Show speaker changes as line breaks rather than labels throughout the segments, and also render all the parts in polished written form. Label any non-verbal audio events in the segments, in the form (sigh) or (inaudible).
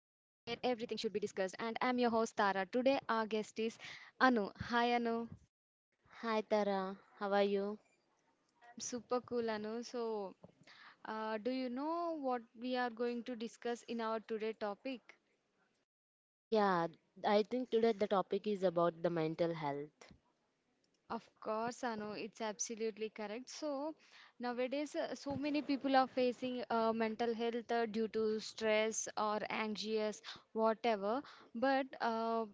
should be discussed. And I'm your host, Tara. Today, our guest is Anu. Hi, Anu.
Hi Tara, how are you?
I'm super cool, Anu. So, do you know what we are going to discuss in our today topic?
Yeah, I think today the topic is about the mental health.
Of course, Anu, it's absolutely correct. So, nowadays, so many people are facing mental health due to stress or anxious, whatever. But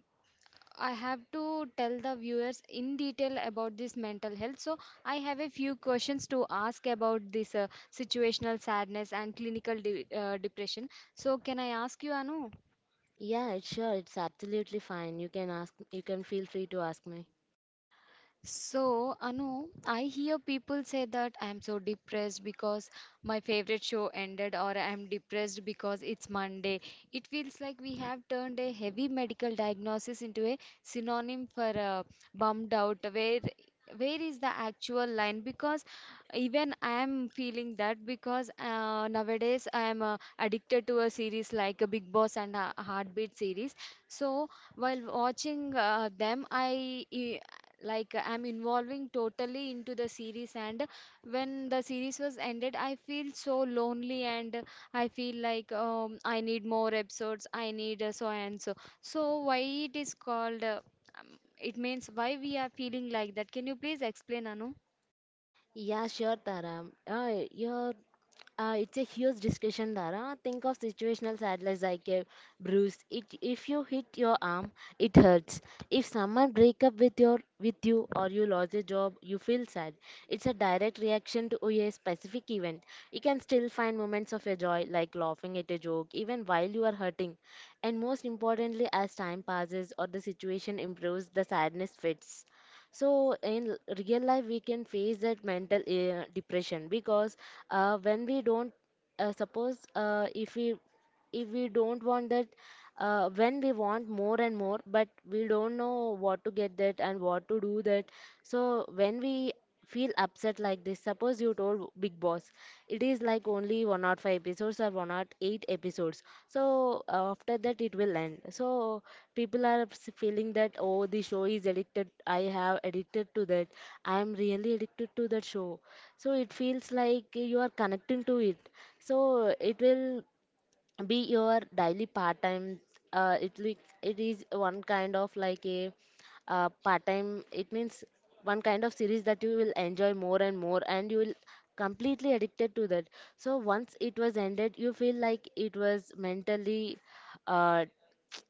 I have to tell the viewers in detail about this mental health. So, I have a few questions to ask about this situational sadness and clinical depression. So, can I ask you, Anu?
Yeah, it's sure, it's absolutely fine. You can ask, you can feel free to ask me.
So, Anu, I hear people say that I'm so depressed because my favorite show ended, or I'm depressed because it's Monday. It feels like we have turned a heavy medical diagnosis into a synonym for bummed out. Where is the actual line? Because even I'm feeling that because nowadays I'm addicted to a series like a Big Boss and a Heartbeat series. So while watching them, I e, like I'm involving totally into the series, and when the series was ended, I feel so lonely, and I feel like I need more episodes, I need so and so. So why it is called it means why we are feeling like that? Can you please explain, Anu?
Yeah, sure, Tara. Your it's a huge discussion, Dara. Think of situational sadness like a bruise. If you hit your arm, it hurts. If someone break up with you or you lost a job, you feel sad. It's a direct reaction to a specific event. You can still find moments of your joy, like laughing at a joke, even while you are hurting. And most importantly, as time passes or the situation improves, the sadness fades. So real life we can face that mental depression. Because when we don't, suppose, if we don't want that, when we want more and more, but we don't know what to get that and what to do that. So when we feel upset like this, suppose you told Big Boss, it is like only one or five episodes or one or eight episodes. So after that it will end. So people are feeling that, oh, the show is addicted, I have addicted to that. I am really addicted to that show. So it feels like you are connecting to it. So it will be your daily part time. It like it is one kind of like a part time. It means one kind of series that you will enjoy more and more, and you will completely addicted to that. So once it was ended, you feel like it was mentally, uh,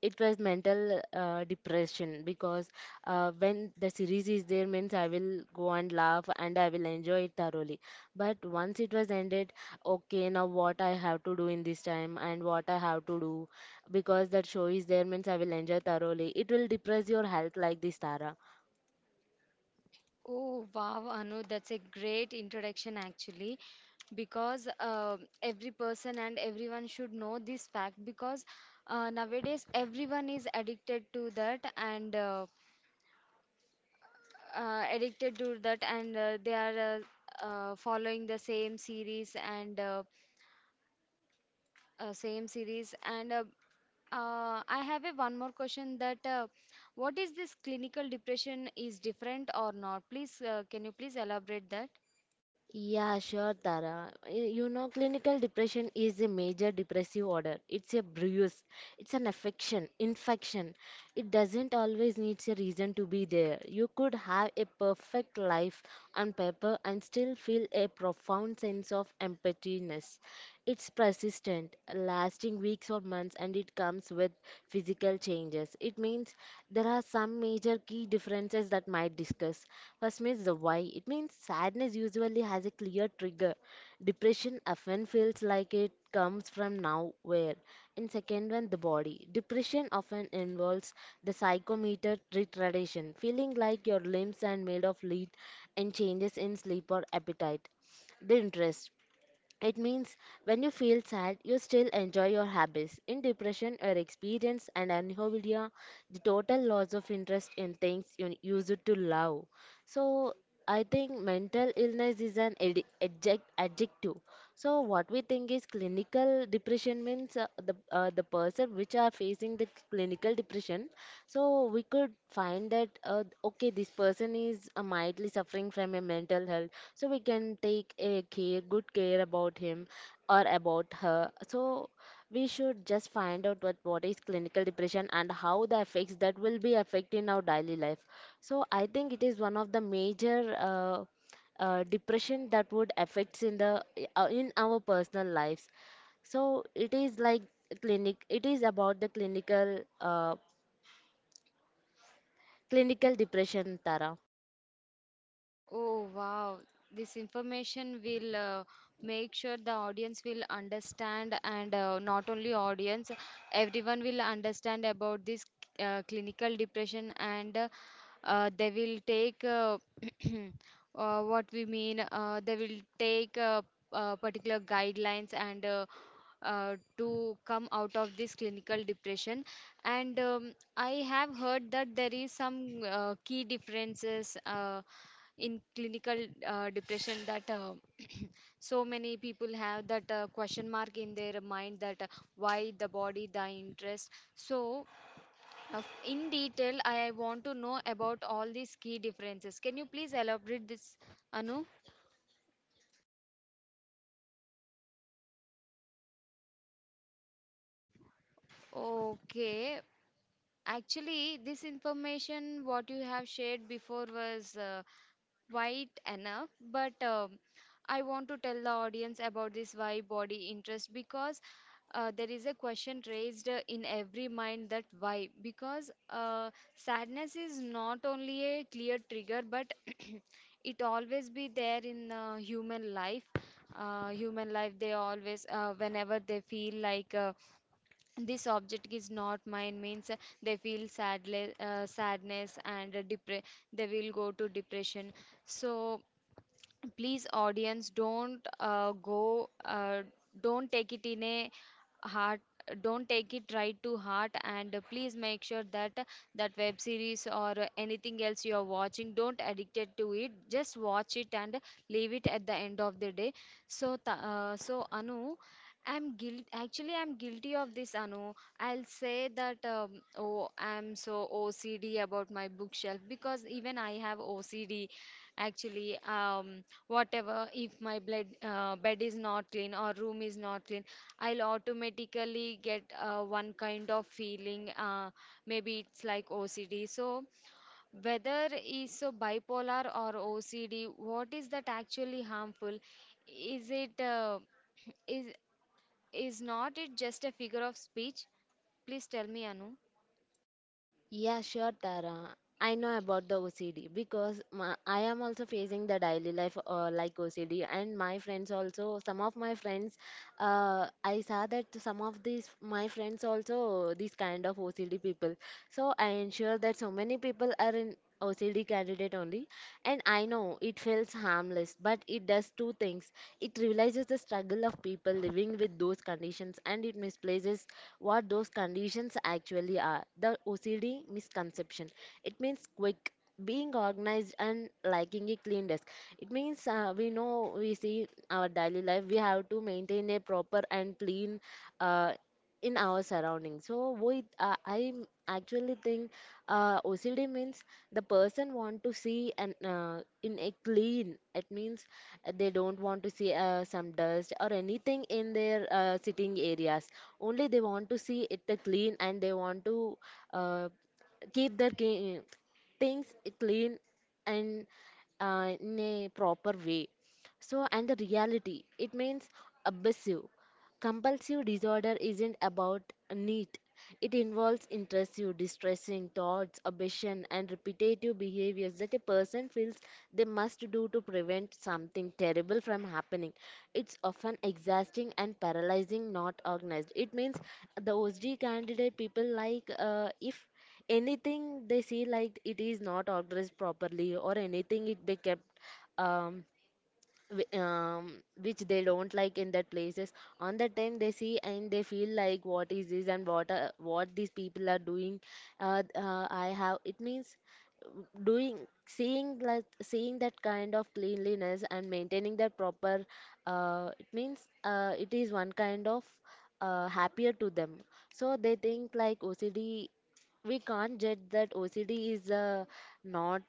it was mental depression. Because when the series is there means I will go and laugh and I will enjoy it thoroughly. But once it was ended, okay, now what I have to do in this time, and what I have to do, because that show is there means I will enjoy thoroughly. It will depress your health like this, Tara.
Oh wow, Anu, that's a great introduction, actually, because every person and everyone should know this fact, because nowadays everyone is addicted to that, and addicted to that, and they are following the same series and I have a one more question that what is this clinical depression is different or not? Please, can you please elaborate that?
Yeah, sure, Tara. You know, clinical depression is a major depressive order. It's a bruise. It's an affection, infection. It doesn't always needs a reason to be there. You could have a perfect life on paper and still feel a profound sense of emptiness. It's persistent, lasting weeks or months, and it comes with physical changes podcast. It means there are some major key differences that might discuss. First means the why. It means sadness usually has a clear trigger. Depression often feels like it comes from nowhere. And second one, the body. Depression often involves the psychometer retardation, feeling like your limbs are made of lead and changes in sleep or appetite, the interest. It means when you feel sad, you still enjoy your hobbies. In depression or experience and anhedonia, the total loss of interest in things you used to love. So I think mental illness is an adjective. So what we think is clinical depression means the person which are facing the clinical depression. So we could find that, okay, this person is mildly suffering from a mental health, so we can take a care, good care about him or about her. So we should just find out what is clinical depression and how the effects that will be affecting our daily life. So I think it is one of the major depression that would affects in the in our personal lives. So it is like clinic, it is about the clinical, clinical depression, Tara.
Oh wow, this information will make sure the audience will understand, and not only audience, everyone will understand about this clinical depression, and they will take (clears throat) what we mean, they will take particular guidelines, and to come out of this clinical depression. And I have heard that there is some key differences in clinical depression, that so many people have that question mark in their mind, that why the body the interest. So uh, in detail I want to know about all these key differences. Can you please elaborate this, Anu? Okay, actually this information what you have shared before was wide enough, but I want to tell the audience about this why body interest, because there is a question raised in every mind that why, because sadness is not only a clear trigger, but (clears throat) it always be there in human life. They always whenever they feel like this object is not mine means they feel sadness and they will go to depression. So please, audience, don't take it in a heart, don't take it right to heart, and please make sure that that web series or anything else you are watching, don't addicted to it, just watch it and leave it at the end of the day. So so, Anu, I'm guilt actually, I'm guilty of this, Anu. I'll say that oh, I'm so OCD about my bookshelf, because even I have OCD, actually. Whatever if my bed is not clean or room is not clean, I'll automatically get one kind of feeling. Maybe it's like OCD. So whether is so bipolar or OCD, what is that actually harmful? Is it (clears throat) is is not it just a figure of speech? Please tell me, Anu.
Yeah, sure, Tara. I know about the OCD because I am also facing the daily life like OCD, and my friends also. Some of my friends, I saw that some of these my friends also these kind of OCD people. So I ensure that so many people are in OCD candidate only, and I know it feels harmless, but it does two things. It realizes the struggle of people living with those conditions, and it misplaces what those conditions actually are. The OCD misconception. It means quick, being organized, and liking a clean desk. It means we know we see our daily life, we have to maintain a proper and clean uh, in our surroundings. So with I actually think OCD means the person want to see and in a clean. It means they don't want to see some dust or anything in their sitting areas only, they want to see it clean, and they want to uh, keep their things clean and in a proper way. So, and the reality, it means obsessive. Compulsive disorder isn't about need. It involves intrusive, distressing thoughts, obsession, and repetitive behaviors that a person feels they must do to prevent something terrible from happening. It's often exhausting and paralyzing, not organized. It means the OSD candidate people like, if anything they see like it is not organized properly, or anything it be kept, um, whi- um which they don't like in that places, on that time they see and they feel like, what is this and what these people are doing. I have, it means doing, seeing like seeing that kind of cleanliness and maintaining that proper, it means it is one kind of happier to them. So they think like OCD. We can't judge that OCD is not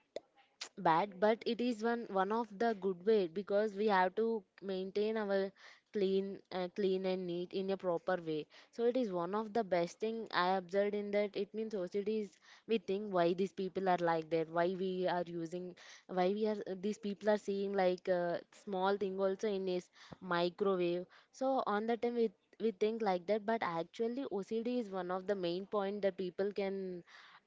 bad, but it is one of the good way, because we have to maintain our clean, clean and neat in a proper way. So it is one of the best thing I observed in that. It means society is, we think why these people are like that, why we are these people are seeing like small thing also in this microwave. So on the time we think like that, but actually OCD is one of the main point that people can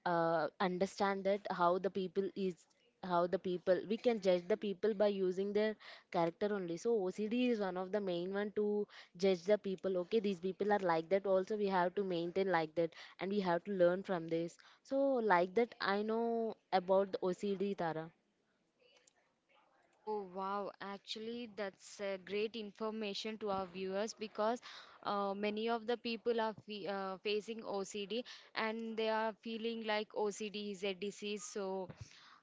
understand that how the people is, how the people we can judge the people by using their character only. So OCD is one of the main one to judge the people. Okay, these people are like that, also we have to maintain like that, and we have to learn from this. So like that, I know about the OCD, Tara.
Oh wow, actually that's great information to our viewers, because many of the people are facing OCD and they are feeling like OCD is a disease, so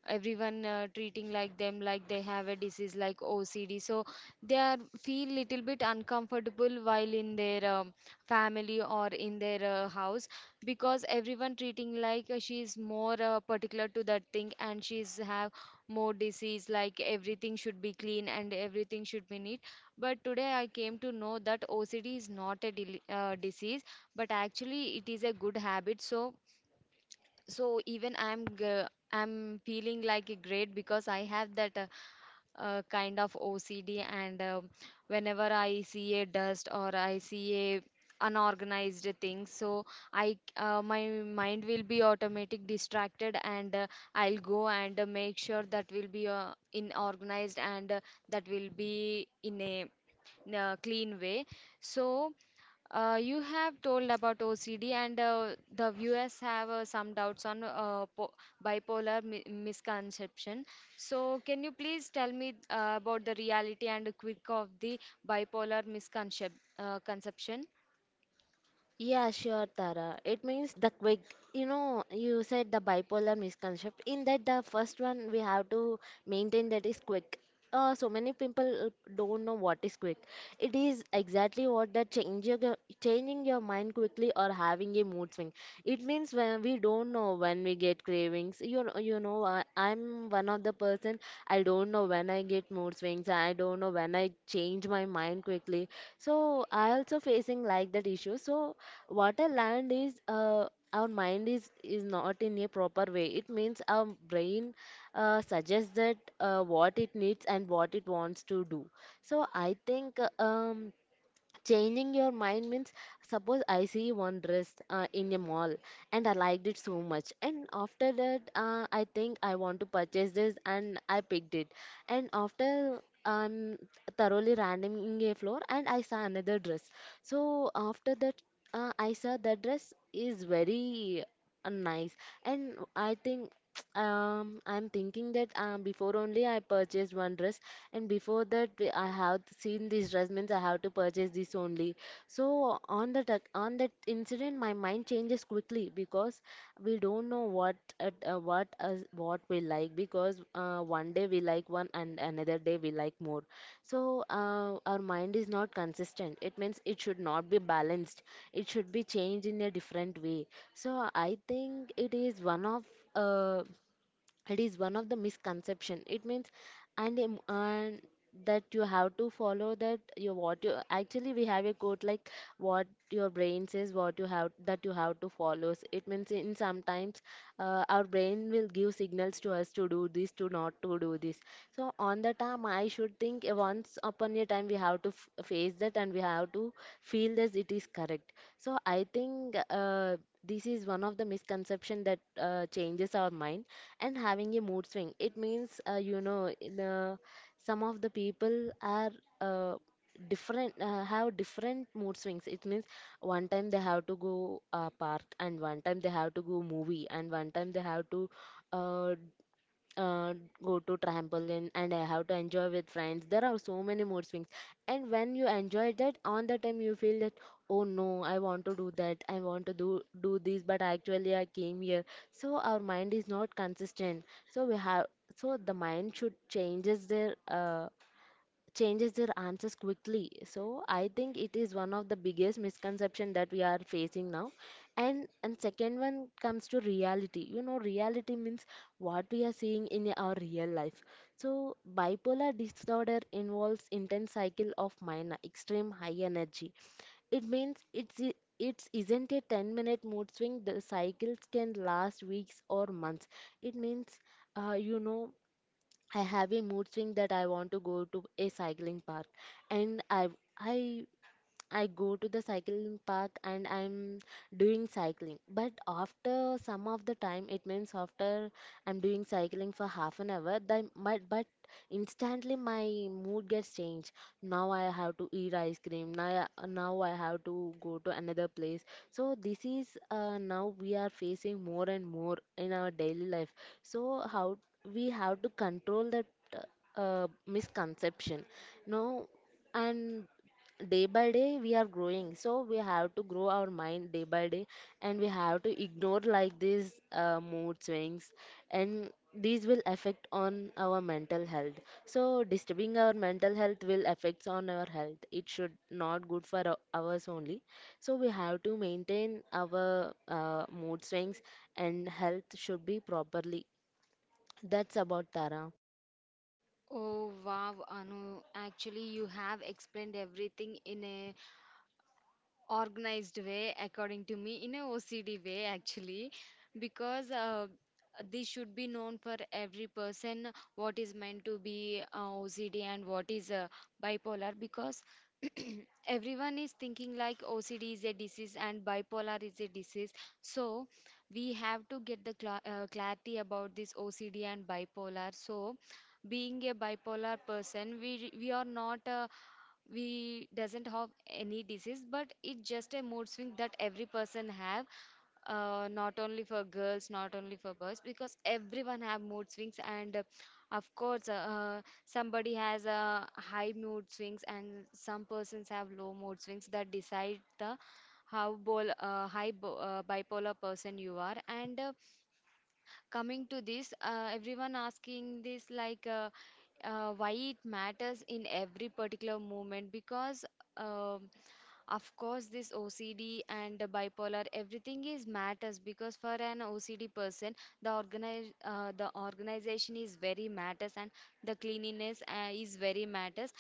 everyone treating like them like they have a disease like OCD, so they are feel little bit uncomfortable while in their family or in their house, because everyone treating like she is more particular to that thing and she's have more disease, like everything should be clean and everything should be neat. But today I came to know that OCD is not a disease, but actually it is a good habit. So so even I'm feeling like a great, because I have that kind of OCD. And whenever I see a dust or I see a unorganized thing, so I my mind will be automatic distracted, and I'll go and make sure that will be in organized, and that will be in a clean way. So, you have told about OCD, and the viewers have some doubts on po bipolar mi misconception. So, can you please tell me about the reality and quick of the bipolar misconception? Conception?
Yeah, sure, Tara. It means the quick, you know, you said the bipolar misconception. In that, the first one we have to maintain that is quick. So many people don't know what is quick. It is exactly what that changing your mind quickly or having a mood swing. It means when we don't know when we get cravings. You know, I'm one of the person. I don't know when I get mood swings. I don't know when I change my mind quickly. So I also facing like that issue. So what a land is, our mind is not in a proper way. It means our brain suggests that what it needs and what it wants to do. So I think, changing your mind means, suppose I see one dress in a mall, and I liked it so much, and after that I think I want to purchase this and I picked it. And after I'm thoroughly randoming a floor and I saw another dress. So after that I saw that dress is very nice, and I think, (tsk) I'm thinking that, before only I purchased one dress, and before that I have seen these dress means I have to purchase this only. So on that on that incident my mind changes quickly, because we don't know what at, what us what we like. Because one day we like one and another day we like more. So our mind is not consistent. It means it should not be balanced, it should be changed in a different way. So I think it is one of, uh, it is one of the misconception. It means, and that you have to follow that your, what you actually, we have a quote like, what your brain says, what you have, that you have to follow. It means in sometimes our brain will give signals to us, to do this, to not to do this. So on the time I should think, once upon a time we have to face that, and we have to feel that it is correct. So I think, this is one of the misconception that changes our mind and having a mood swing. It means, some of the people are uh, different, have different mood swings. It means one time they have to go park, and one time they have to go movie, and one time they have to uh, uh, go to trampoline and I have to enjoy with friends. There are so many mood swings, and when you enjoy that, on the time you feel that, oh no, I want to do that, I want to do this, but actually I came here. So our mind is not consistent. So we have so the mind should changes their answers quickly. So I think it is one of the biggest misconception that we are facing now. And second one comes to reality. Reality means what we are seeing in our real life. So bipolar disorder involves intense cycle of minor extreme high energy. It means it isn't a 10-minute mood swing. The cycles can last weeks or months. It means, uh, you know I have a mood swing that I want to go to a cycling park, and I I go to the cycling park, and I'm doing cycling. But after some of the time, it means after I'm doing cycling for half an hour, but instantly my mood gets changed. Now I have to eat ice cream. Now I have to go to another place. So this is Now we are facing more and more in our daily life. So how we have to control that misconception. No. And day by day we are growing, so we have to grow our mind day by day, and we have to ignore like these mood swings, and these will affect on our mental health. So disturbing our mental health will affects on our health. It should not good for ours only. So we have to maintain our mood swings, and health should be properly. That's about, Tara.
Oh wow, Anu, actually you have explained everything in a organized way, according to me in a OCD way actually, because this should be known for every person, what is meant to be OCD, and what is bipolar, because (clears throat) everyone is thinking like OCD is a disease and bipolar is a disease. So we have to get the clarity about this OCD and bipolar. So being a bipolar person, we are not we doesn't have any disease, but it's just a mood swing that every person have, not only for girls, not only for boys, because everyone have mood swings, and of course somebody has a high mood swings and some persons have low mood swings that decide the how bipolar person you are. And coming to this, everyone asking this like why it matters in every particular moment, because um of course this OCD and the bipolar everything is matters, because for an OCD person the organize the organization is very matters, and the cleanliness is very matters.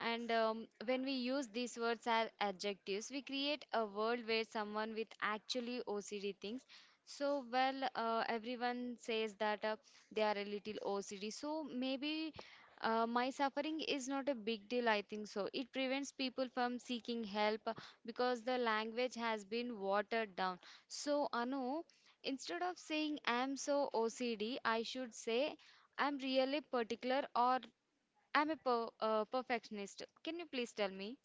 And when we use these words as adjectives, we create a world where someone with actually OCD thinks so, well, everyone says that they are a little OCD. So, maybe my suffering is not a big deal, I think so. It prevents people from seeking help, because the language has been watered down. So, Anu, instead of saying I'm so OCD, I should say I'm really particular, or I'm a perfectionist. Can you please tell me?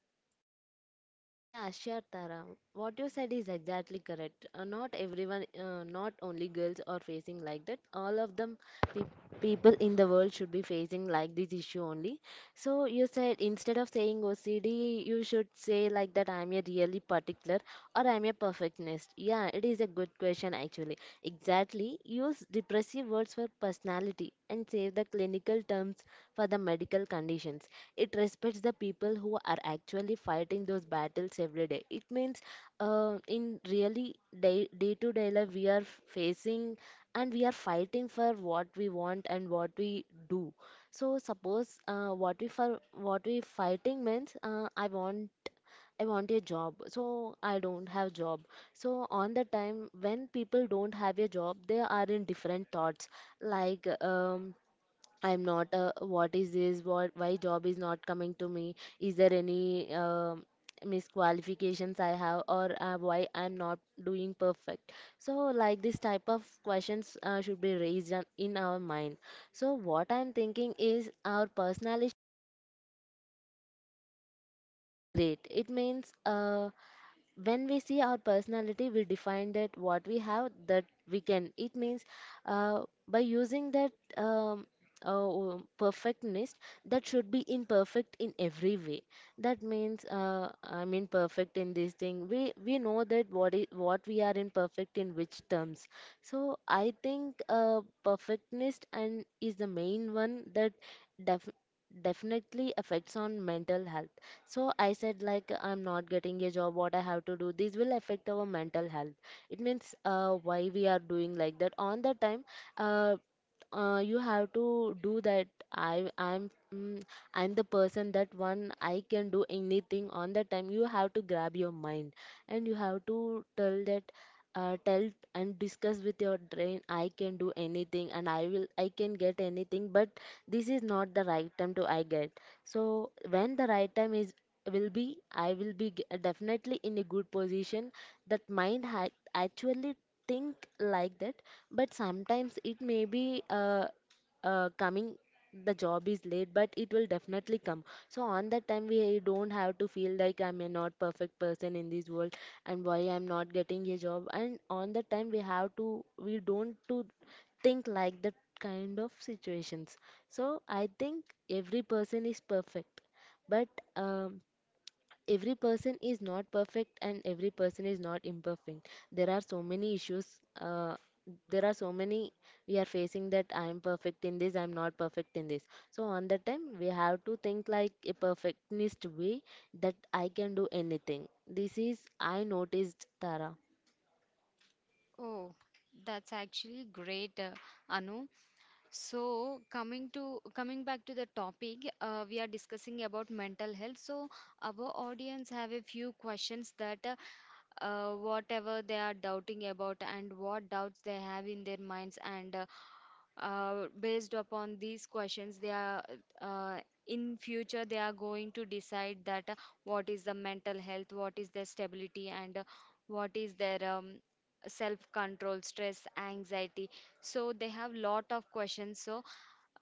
Yeah, sure, Tara. What you said is exactly correct. Not everyone, not only girls are facing like that. All of them, pe- people in the world should be facing like this issue only. So you said instead of saying OCD, you should say like that I'm a really particular or I'm a perfectionist. Yeah, it is a good question actually. Exactly. Use depressive words for personality and save the clinical terms for the medical conditions. It respects the people who are actually fighting those battles every day. It means, in really day to day life we are facing, and we are fighting for what we want and what we do. So suppose, what we, for what we fighting means, I want a job, so I don't have job. So on the time when people don't have a job, they are in different thoughts. Like, I'm not, what is this, what, why job is not coming to me? Is there any misqualifications I have, or why I'm not doing perfect? So like this type of questions should be raised in our mind. So what I'm thinking is our personality great. It means, when we see our personality we define that what we have, that we can. It means, uh, by using that, um, perfectness, that should be imperfect in every way. That means, I am imperfect in this thing. We know that what is what we are imperfect in which terms. So I think perfectness and is the main one that def- definitely affects on mental health. So I said like I'm not getting a job, what I have to do. This will affect our mental health. It means, why we are doing like that. On the time, uh, you have to do that. I i'm mm, i'm the person that one, I can do anything. On the time you have to grab your mind and you have to tell that, tell and discuss with your brain, I can do anything and I can get anything, but this is not the right time to I get. So when the right time is will be, I will be definitely in a good position. That mind actually think like that. But sometimes it may be coming. The job is late but it will definitely come. So on that time we don't have to feel like I'm a not perfect person in this world, and why I'm not getting a job. And on that time we don't to think like that kind of situations. So I think every person is perfect. But, um, every person is not perfect and every person is not imperfect. There are so many issues, uh, there are so many. We are facing that I am perfect in this, I am not perfect in this. So on that time we have to think like a perfectionist way, that I can do anything. This is I noticed, Tara.
Oh, that's actually great, Anu. So coming back to the topic, we are discussing about mental health. So our audience have a few questions that whatever they are doubting about and what doubts they have in their minds, and based upon these questions, they are uh, in future they are going to decide that what is the mental health, what is their stability, and what is their self control, stress, anxiety. So they have lot of questions. So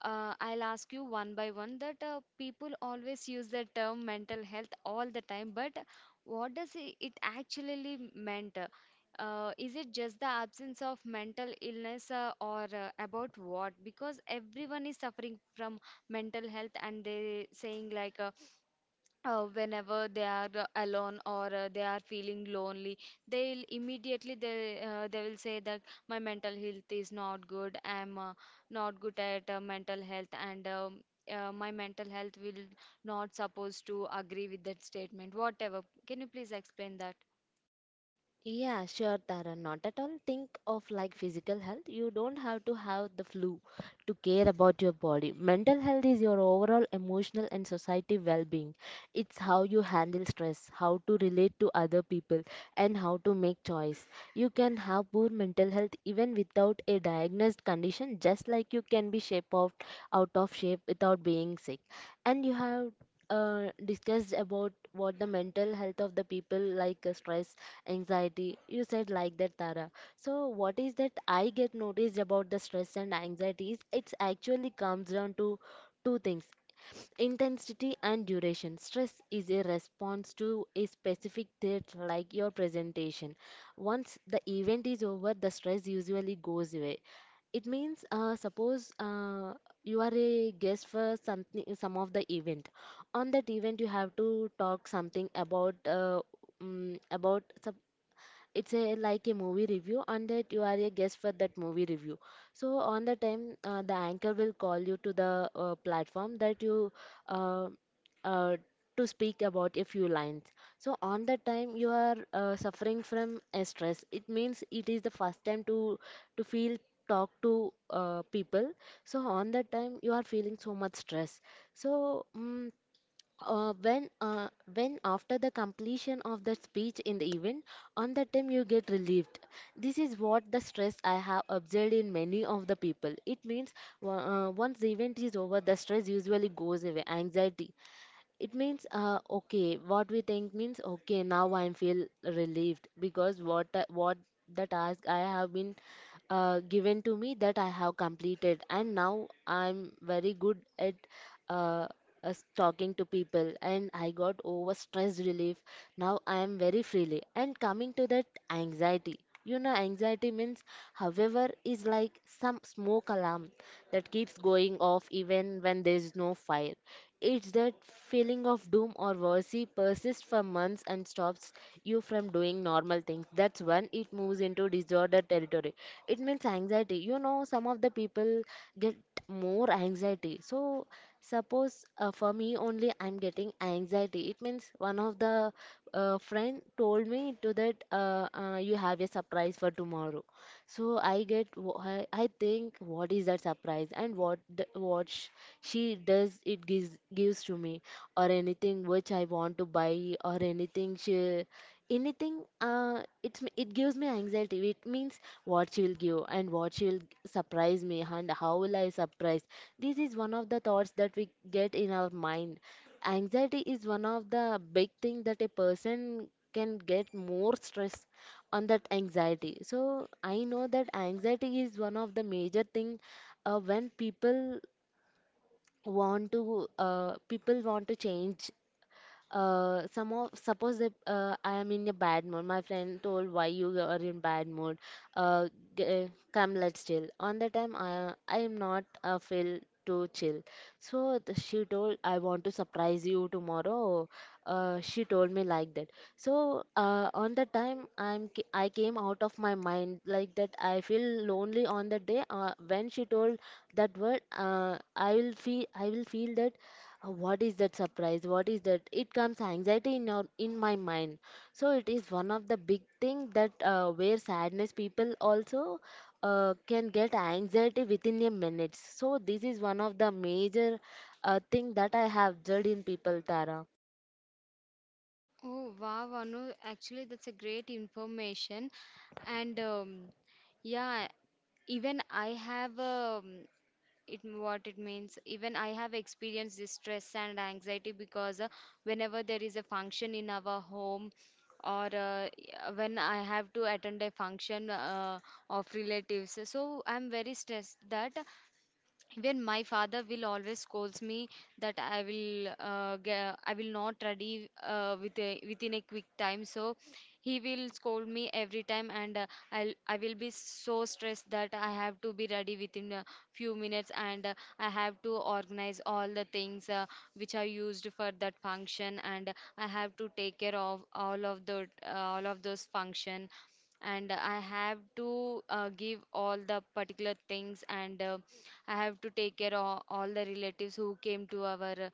I'll ask you one by one, that people always use the term mental health all the time, but what does it actually mean? Is it just the absence of mental illness, or about what? Because everyone is suffering from mental health, and they saying like whenever they are alone, or they are feeling lonely, they'll immediately they will say that my mental health is not good, I'm not good at mental health. And my mental health will not supposed to agree with that statement, whatever. Can you please explain that?
Yeah, sure, Tara. Not at all. Think of like physical health. You don't have to have the flu to care about your body. Mental health is your overall emotional and society well being. It's how you handle stress, how to relate to other people, and how to make choice. You can have poor mental health even without a diagnosed condition, just like you can be out of shape without being sick. And you have discussed about what the mental health of the people like stress, anxiety. You said like that, Tara. So what is that I get noticed about the stress and anxiety is it's actually comes down to two things, intensity and duration. Stress is a response to a specific threat like your presentation. Once the event is over, the stress usually goes away. It means, suppose, you are a guest for something, some of the event. On that event you have to talk something about, um, about sup- it's a like a movie review, and that you are a guest for that movie review. So on the time the anchor will call you to the platform, that you, uh, uh, to speak about a few lines. So on that time you are suffering from a stress. It means it is the first time to feel talk to people. So on that time you are feeling so much stress. so mm uh, when uh, when after the completion of the speech in the event, on that time you get relieved. This is what the stress I have observed in many of the people. It means, once the event is over the stress usually goes away. Anxiety. It means, okay, what we think means, okay, now I feel relieved because what the task I have been given to me that I have completed, and now I'm very good at uh, us talking to people, and I got over stress relief. Now I am very freely. And coming to that anxiety, anxiety means, however, is like some smoke alarm that keeps going off even when there is no fire. It's that feeling of doom or worry persists for months and stops you from doing normal things. That's when it moves into disorder territory. It means anxiety. Some of the people get more anxiety. So, suppose for me only, I'm getting anxiety. It means one of the friend told me to that you have a surprise for tomorrow. So I get wh- I think what is that surprise and what the, she does, it gives to me or anything which I want to buy or anything she, anything, it gives me anxiety. It means what she will give and what she will surprise me and how will I surprise. This is one of the thoughts that we get in our mind. Anxiety is one of the big thing that a person can get more stress on that anxiety. So I know that anxiety is one of the major thing when people want to, change some of, suppose that, I am in a bad mood. My friend told why you are in bad mood. Uh, Come, let's chill. On the time I am not feel to chill. So she told, I want to surprise you tomorrow. She told me like that. So on the time I came out of my mind like that. I feel lonely on the day when she told that word. I will feel that, what is that surprise, what is that, it comes anxiety in in my mind. So it is one of the big thing that where sadness people also can get anxiety within a minute. So this is one of the major thing that I have judged in people, Tara.
Oh, wow, Anu. Actually, that's a great information. And yeah, even I have. It what it means, even I have experienced this stress and anxiety, because whenever there is a function in our home, or when I have to attend a function of relatives, so I'm very stressed that even my father will always scolds me that I will I will not ready within a quick time. So he will scold me every time. And I'll I will be so stressed that I have to be ready within a few minutes, and I have to organize all the things which are used for that function, and I have to take care of all of the all of those function, and I have to give all the particular things, and I have to take care of all the relatives who came to our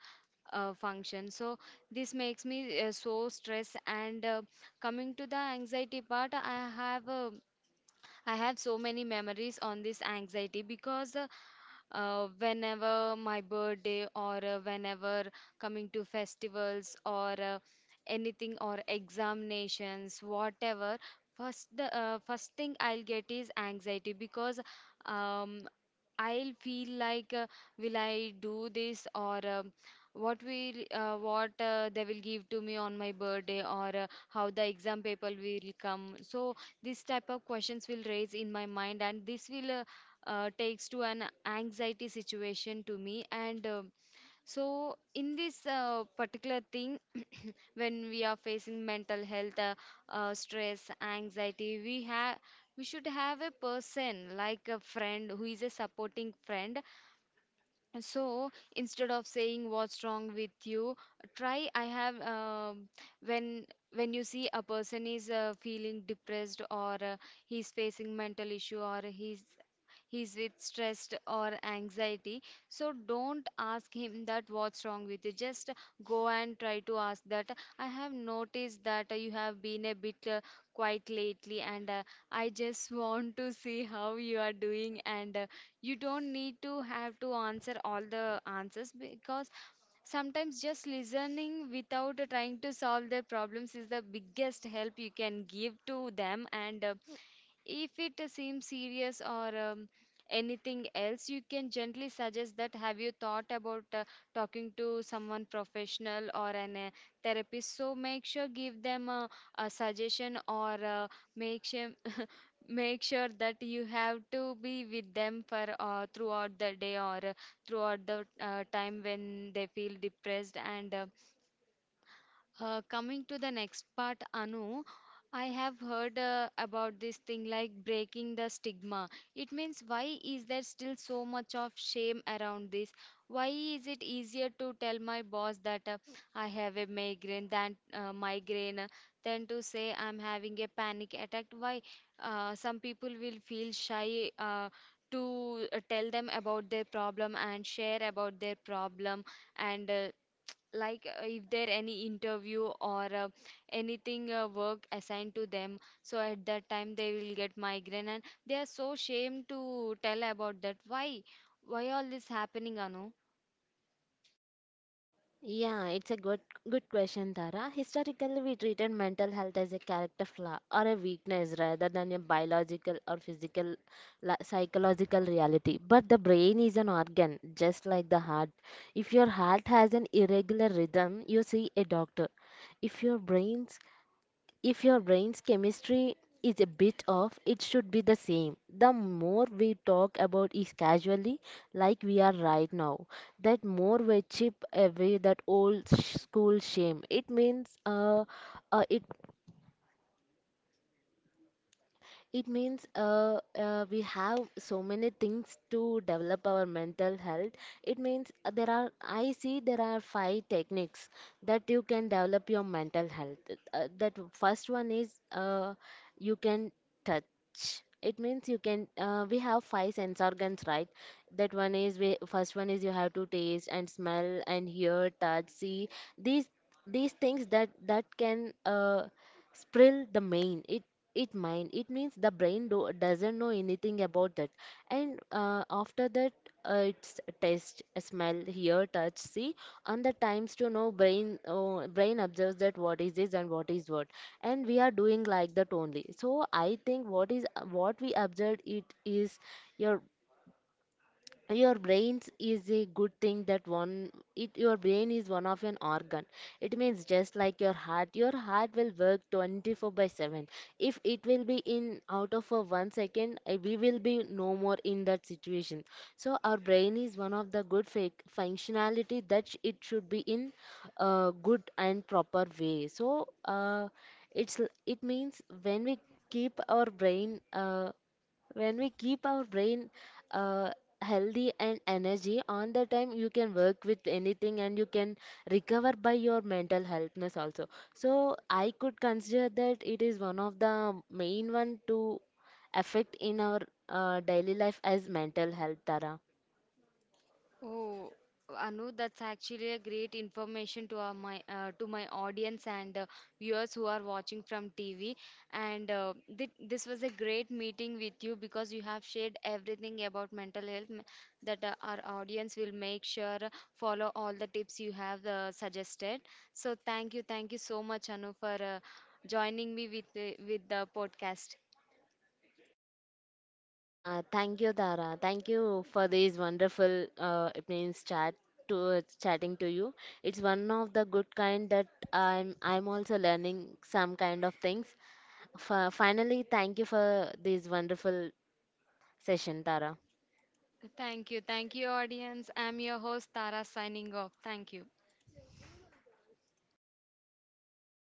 function. So this makes me so stressed. And Coming to the anxiety part, I have so many memories on this anxiety because whenever my birthday or whenever coming to festivals or anything or examinations, whatever. First, the first thing I'll get is anxiety because um, I'll feel like will I do this, or what will what they will give to me on my birthday, or how the exam paper will come. So this type of questions will raise in my mind, and this will takes to an anxiety situation to me. And So in this particular thing, when we are facing mental health, stress, anxiety, we should have a person like a friend who is a supporting friend. So instead of saying, "What's wrong with you?", try I have when you see a person is feeling depressed, or he's facing mental issue, or he's with stress or anxiety, so don't ask him that, "What's wrong with you?" Just go and try to ask that, "I have noticed that you have been a bit quiet lately, and I just (laughs) want to see how you are doing, and you don't need to have to answer all the answers, because sometimes just listening without trying to solve their problems is the biggest help you can give to them." And if it seems serious, or anything else, you can gently suggest that, "Have you thought about talking to someone professional or an therapist?" So make sure give them a suggestion, or make sure make sure that you have to be with them for throughout the day, or throughout the time when they feel depressed. And Coming to the next part, Anu, I have heard about this thing like breaking the stigma. It means, why is there still so much of shame around this? Why is it easier to tell my boss that I have a migraine than to say I'm having a panic attack? Why some people will feel shy to tell them about their problem and share about their problem, and if there any interview, or anything work assigned to them, so at that time they will get migraine and they are so ashamed to tell about that. Why all this happening, Anu?
Yeah, it's a good question, Tara. Historically, we treated mental health as a character flaw or a weakness rather than a biological or physical, psychological reality. But the brain is an organ, just like the heart. If your heart has an irregular rhythm, you see a doctor. If your brain's chemistry is a bit off, it should be the same. The more we talk about it casually, like we are right now, that more we chip away that old school shame. Uh, it It means we have so many things to develop our mental health. It means, there are, I see there are five techniques that you can develop your mental health. That first one is you can touch. It means you can, we have five sense organs, right? That one is, first one is you have to taste and smell and hear, touch, see. These these things that can Sprill the main. It Mind. It means the brain doesn't know anything about that. And after that, it's taste, smell, hear, touch, see, and the times to know brain, brain observes that what is this and what is what. And we are doing like that only. So I think what we observed, it is your your brains is a good thing that one, it your brain is one of an organ. It means just like your heart will work 24/7. If it will be in out of a 1 second, we will be no more in that situation. So our brain is one of the good functionality that it should be in a good and proper way. So, it means when we keep our brain, when we keep our brain uh, healthy and energy. On the time you can work with anything and you can recover by your mental healthness also. So I could consider that it is one of the main one to affect in our daily life as mental health, Tara.
Oh, Anu, that's actually a great information to our, my to my audience and viewers who are watching from TV. And this was a great meeting with you because you have shared everything about mental health that our audience will make sure follow all the tips you have suggested. So thank you so much, Anu, for joining me with the podcast.
Yeah, thank you, Tara. Thank you for this wonderful, it means, chatting to you. It's one of the good kind that I'm also learning some kind of things. Finally, thank you for this wonderful session, Tara.
Thank you, audience. I'm your host Tara signing off. Thank you.